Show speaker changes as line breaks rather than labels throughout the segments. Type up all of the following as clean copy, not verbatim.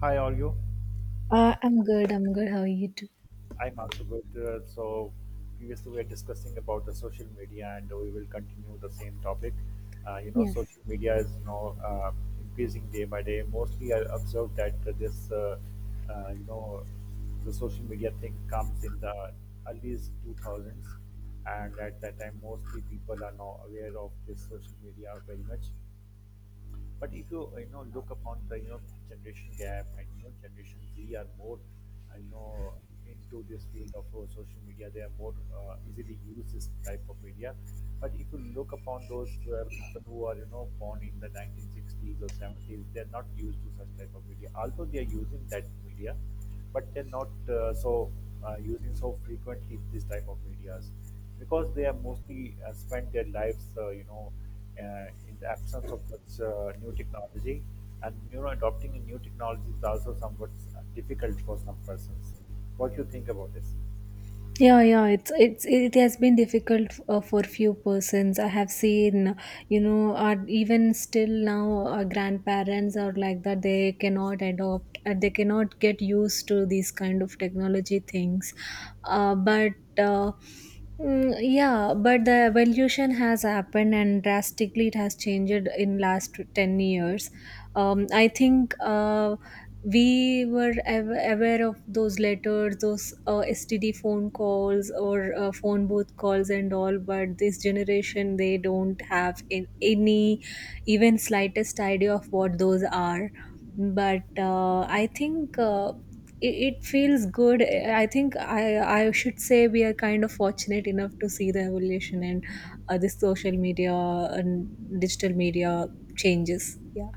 Hi, all you?
I'm good. I'm good. How are you too?
I'm also good. So previously we were discussing about the social media, and we will continue the same topic.
Yes.
Social media is now increasing day by day. Mostly, I observed that uh, you know, the social media thing comes in the early 2000s, and at that time, mostly people are now aware of this social media very much. But if you you know look upon the generation gap and generation Z are more you know into this field of social media, they are more easily use this type of media. But if you look upon those people who are born in the 1960s or 70s, they are not used to such type of media. Although they are using that media, but they're not using so frequently this type of medias because they have mostly spent their lives in the absence of such new technology. And you know, adopting a new technology is also somewhat difficult for some persons. What do you think about this?
Yeah, yeah. It has been difficult for few persons. I have seen, you know, are even still now grandparents are like that. They cannot adopt. They cannot get used to these kind of technology things. But. Uh, Mm, yeah, but the evolution has happened and drastically it has changed in last 10 years. I think we were aware of those letters, those STD phone calls or phone booth calls and all, but this generation they don't have in any even slightest idea of what those are. But I think it feels good. I think I should say we are kind of fortunate enough to see the evolution and this social media and digital media changes. Yeah.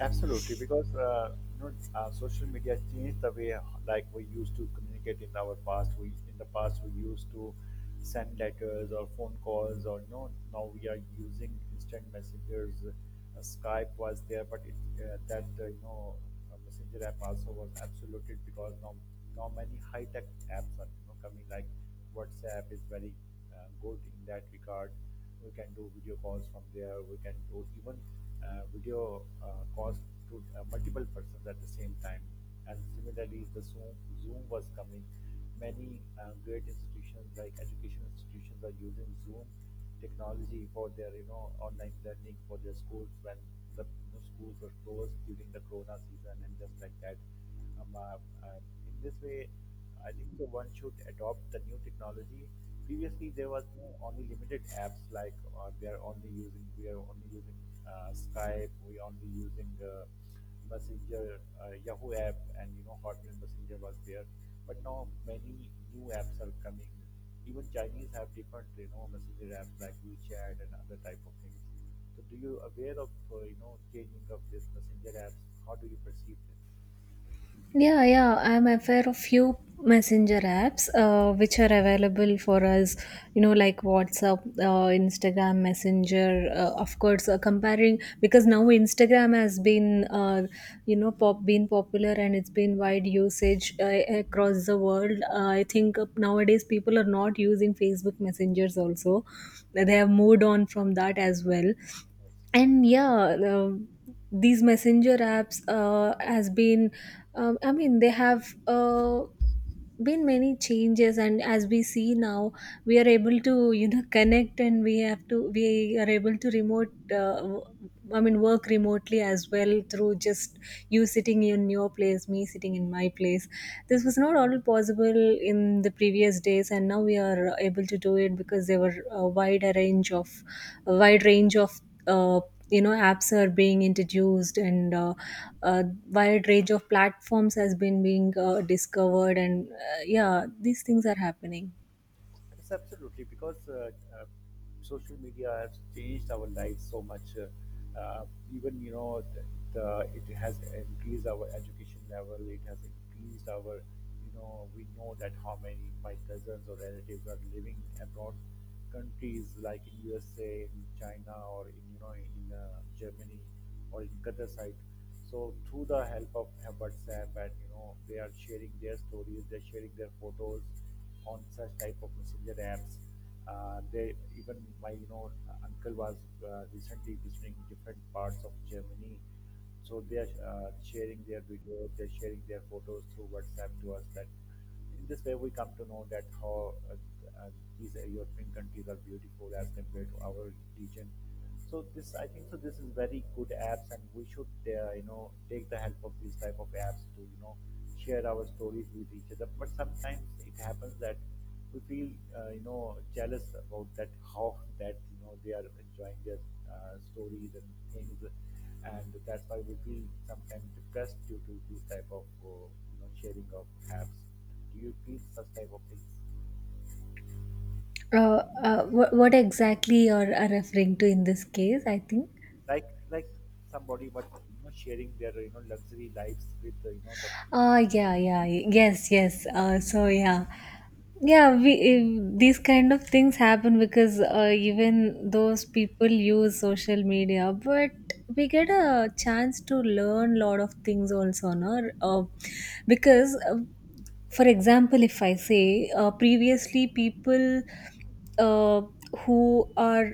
Absolutely, because social media changed the way like we used to communicate in our past. We in the past we used to send letters or phone calls, or you know, now we are using instant messengers. Skype was there, but it, that you know, Messenger app also was absoluted because now many high tech apps are coming like WhatsApp is very good in that regard. We can do video calls from there. We can do even video calls to multiple persons at the same time. And similarly, the Zoom was coming. Many great institutions like education institutions are using Zoom technology for their online learning for their schools when the schools were closed during the corona season and just like that. Um, uh, uh, in this way, I think so one should adopt the new technology. Previously, there was no only limited apps like we are only using Skype, we are only using Messenger, Yahoo app, and Hotmail Messenger was there. But now many new apps are coming. Even Chinese have different messenger apps like WeChat and other type of things. So do you aware of, changing of this messenger apps? How do you perceive this?
Yeah, yeah, I'm aware of few messenger apps which are available for us, you know, like WhatsApp, Instagram Messenger, of course, comparing because now Instagram has been, you know, pop been popular and it's been wide usage across the world. I think nowadays people are not using Facebook messengers also. They
Yes,
have moved on from that as well.
yes.
And yeah, these messenger apps has been, I mean, they have been many changes. And as we see now, we are able to, you know, connect, and we are able to uh, w- I mean work remotely as well through just you sitting in your place, me sitting in my place. This was not all possible in the previous days, and now we are able to do it because there were a wider range of a wide range of uh, you know apps are being introduced, and a wide range of platforms has been being discovered. And yeah, these things are happening.
Yes, absolutely. Because uh, social media has changed our lives so much. Uh, Even, it has increased our education level. It has increased our, you know, we know that how many my cousins or relatives are living abroad countries like in USA, in China, or in, Germany or in Qatar side. So through the help of WhatsApp and they are sharing their stories, they're sharing their photos on such type of messenger apps. They even my uncle was recently visiting different parts of Germany, so they are sharing their videos, they're sharing their photos through WhatsApp to us that in this way we come to know that how uh, these European countries are beautiful as compared to our region. So this, I think, so this is very good apps, and we should, take the help of these type of apps to, you know, share our stories with each other. But sometimes it happens that we feel jealous about that how that you know they are enjoying their stories and things, and that's why we feel sometimes depressed due to these type of, sharing of apps. Do you feel such type of things?
Uh, what exactly you're referring to in this case, I think?
Like somebody, but you know, sharing their you know luxury lives with the.
Yeah, yeah, yes, yes. So, yeah. Yeah, these kind of things happen because even those people use social media, but we get a chance to learn lot of things also, no? Because for example, if I say previously people uh, who are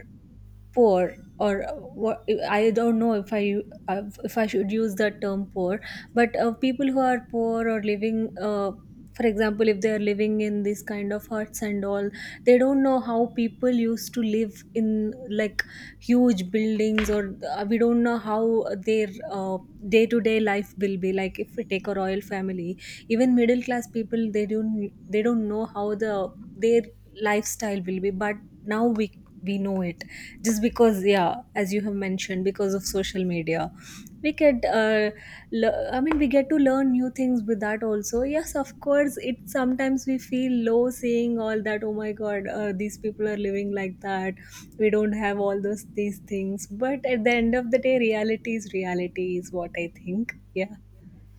poor or what, I don't know if I if I should use the term poor, but people who are poor or living for example, if they are living in this kind of huts and all, they don't know how people used to live in, like, huge buildings. Or we don't know how their day-to-day life will be like if we take a royal family. Even middle class people, they don't know how the their lifestyle will be. But now we know it, just because, yeah, as you have mentioned, because of social media we get we get to learn new things with that also. Yes, of course, it sometimes we feel low seeing all that. Oh my god, these people are living like that, we don't have all those these things. But at the end of the day, reality is what I think. Yeah.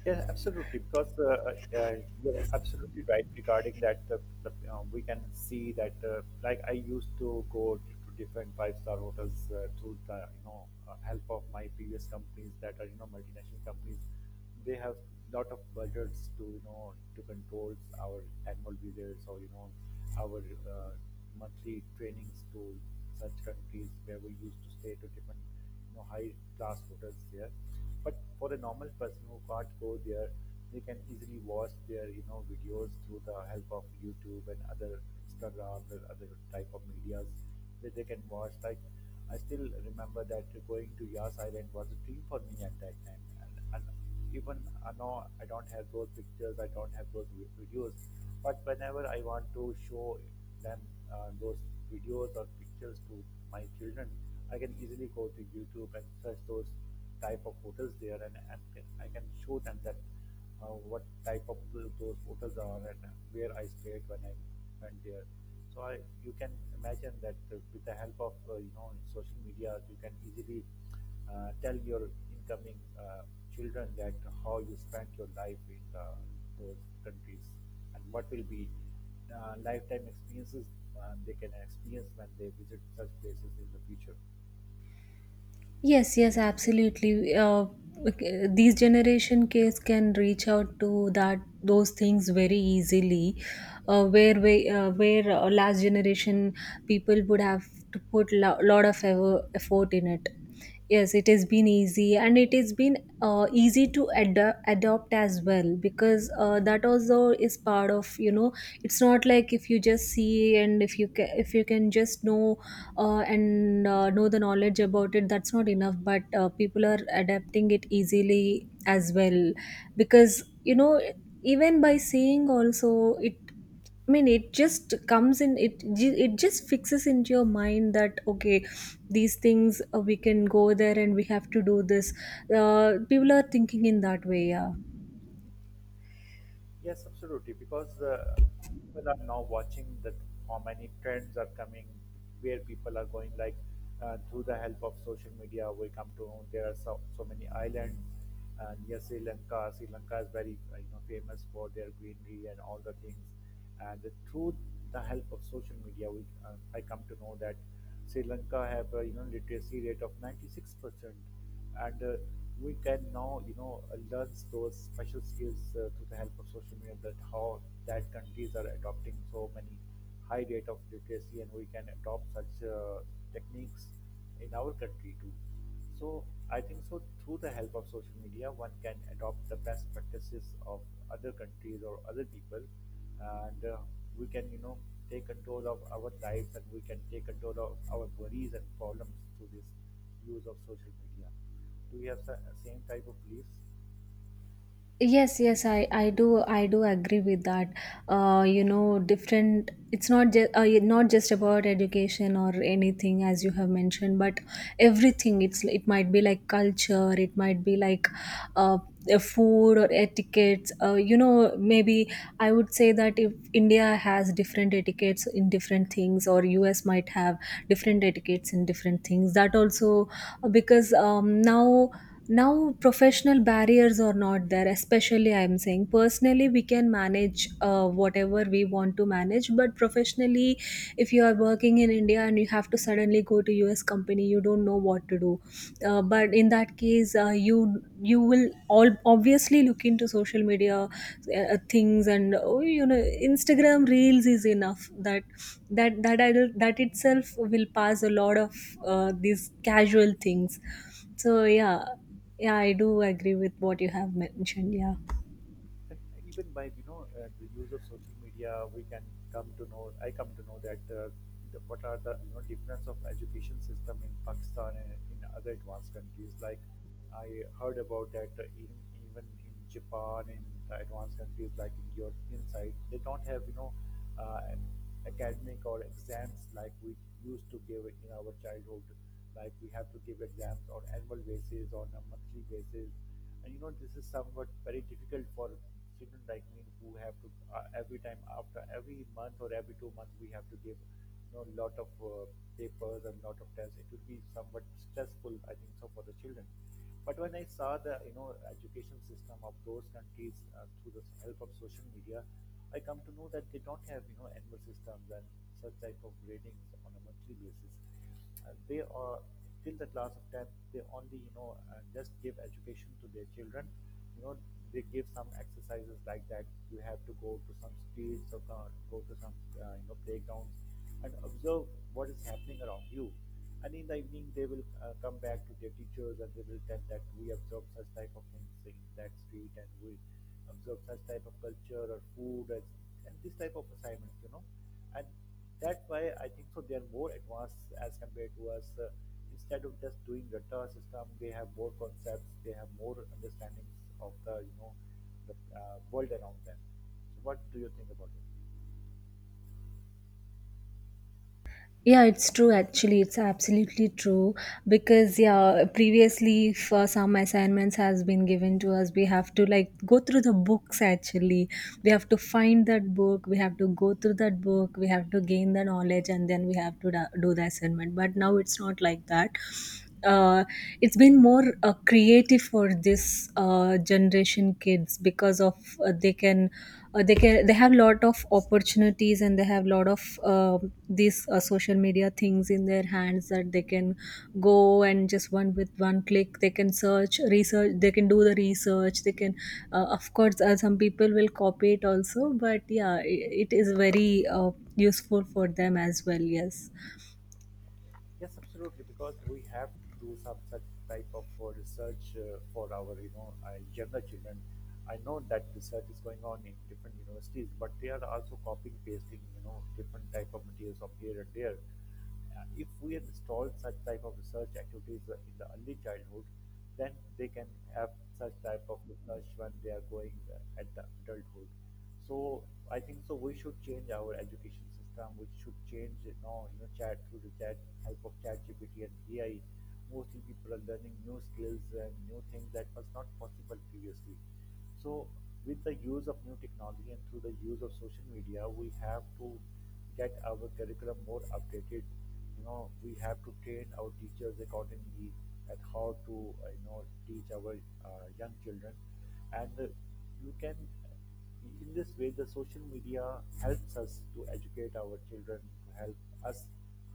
Yeah, absolutely. Because you're absolutely right regarding that. We can see that, like I used to go to different five-star hotels through the help of my previous companies that are you know multinational companies. They have lot of budgets to you know to control our annual visits or our monthly trainings to such countries where we used to stay to different you know high class hotels there, but for a normal person who can't go there, they can easily watch their you know videos through the help of YouTube and other Instagram and other type of medias, that they can watch like I still remember that going to Yas Island was a dream for me at that time. And even no, I don't have those pictures, I don't have those videos. But whenever I want to show them those videos or pictures to my children, I can easily go to YouTube and search those type of hotels there, and, I can show them that what type of those hotels are and where I stayed when I went there. So I, you can imagine that with the help of you know social media, you can easily tell your incoming children that how you spent your life in those countries and what will be lifetime experiences they can experience when they visit such places in the future.
Yes, yes, absolutely. Okay, these generation kids can reach out to that those things very easily, where last generation people would have to put lot of ever effort in it. Yes, it has been easy and it has been easy to adopt as well because that also is part of, you know, it's not like if you just see and if you if you can just know and know the knowledge about it, that's not enough. But people are adapting it easily as well, because you know, even by seeing also it, I mean, it just comes in. It just fixes into your mind that okay, these things we can go there and we have to do this. People are thinking in that way, yeah.
Yes, absolutely. Because people are now watching that how many trends are coming, where people are going. Like through the help of social media, we come to know there are so, so many islands near Sri Lanka. Sri Lanka is very you know famous for their greenery and all the things. And through the help of social media, we I come to know that Sri Lanka have a you know literacy rate of 96%, and we can now you know learn those special skills through the help of social media, that how that countries are adopting so many high rate of literacy and we can adopt such techniques in our country too. So I think so through the help of social media one can adopt the best practices of other countries or other people, and we can you know take control of our lives and we can take control of our worries and problems through this use of social media. Do we have the same type of beliefs?
Yes, yes, I do, I do agree with that. You know, different, it's not just not just about education or anything, as you have mentioned, but everything. It's, it might be like culture, it might be like uh food or etiquettes. You know, maybe I would say that if India has different etiquettes in different things, or US might have different etiquettes in different things, that also. Because now professional barriers are not there. Especially I'm saying personally we can manage whatever we want to manage. But professionally, if you are working in India and you have to suddenly go to US company, you don't know what to do.
Yes.
But in that case you will all obviously look into social media things. And oh, you know, Instagram reels is enough that that itself will pass a lot of these casual things. So yeah, yeah, I do agree with what you have mentioned. Yeah.
And even by you know the use of social media, we can come to know. I come to know that what are the you know difference of education system in Pakistan and in other advanced countries. Like I heard about that even in Japan, in the advanced countries like in European side, they don't have you know an academic or exams like we used to give in our childhood. Like we have to give exams on annual basis, on a monthly basis, and you know this is somewhat very difficult for children like me who have to every time after every month or every 2 months we have to give you know lot of papers and lot of tests. It will be somewhat stressful I think so for the children. But when I saw the you know education system of those countries through the help of social media, I come to know that they don't have you know annual systems and such type of ratings on a monthly basis. They are till the class of tenth. They only you know just give education to their children, you know, they give some exercises like that. You have to go to some streets or go to some you know playgrounds and observe what is happening around you, and in the evening they will come back to their teachers and they will tell that we observe such type of things in that street and we observe such type of culture or food as, and this type of assignments you know. And that's why I think so they are more advanced as compared to us. Instead of just doing Ratta system, they have more concepts, they have more understandings of the world around them. So what do you think about it?
Yeah, it's true actually. It's absolutely true because, yeah, previously for some assignments has been given to us, we have to like go through the books actually. We have to find that book, we have to go through that book, we have to gain the knowledge, and then we have to do the assignment. But now it's not like that. Uh, it's been more creative for this generation kids because of uh, they can they can, they have lot of opportunities, and they have lot of um these social media things in their hands, that they can go and just one with one click they can search research, they can do the research. They can Of course some people will copy it also, but yeah, it is very useful for them as well. Yes.
Yes, absolutely, because we have to do some such type of research for our, younger children. I know that research is going on in different universities, but they are also copying, pasting, you know, different type of materials from here and there. If we install such type of research activities in the early childhood, then they can have such type of research when they are going at the adulthood. So I think so we should change our education system. We should change you know chat through the chat help of chat GPT and AI. Mostly people are learning new skills and new things that was not possible previously. So with the use of new technology and through the use of social media, we have to get our curriculum more updated. You know, we have to train our teachers accordingly at how to you know teach our young children, and you can in this way the social media helps us to educate our children, to help us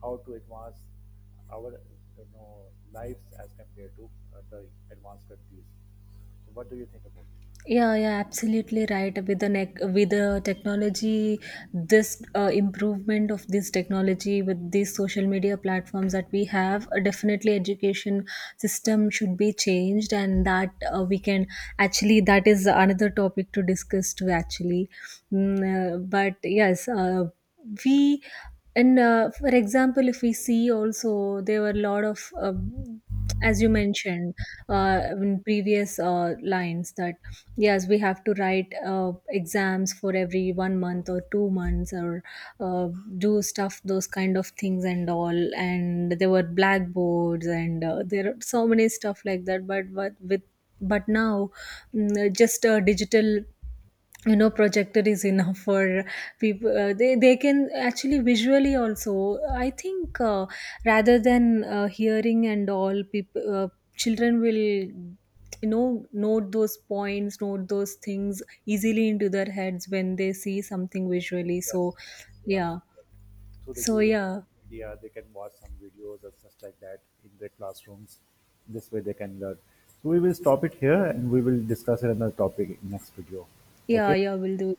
how to advance our you know lives as compared to the advanced countries. So what do you think about this?
Yeah, yeah, absolutely right. With the technology, this improvement of this technology with these social media platforms that we have, definitely education system should be changed. And that we can actually, that is another topic to discuss too. Actually, but yes, we and for example, if we see also there were a lot of. As you mentioned in previous lines that, yes, we have to write exams for every one month or 2 months, or uh, do stuff, those kind of things and all. And there were blackboards and there are so many stuff like that. But now, just a digital, you know, projector is enough for people, they can actually visually also I think rather than hearing and all, people, children will, you know, note those points, note those things easily into their heads when they see something visually. So
Yes, yes, you're
yeah,
absolutely right. Through the
so
use of
yeah,
media, they can watch some videos or such like that in their classrooms. This way they can learn. So we will stop it here and we will discuss another topic in next video.
yeah, yeah,
Okay.
we'll do.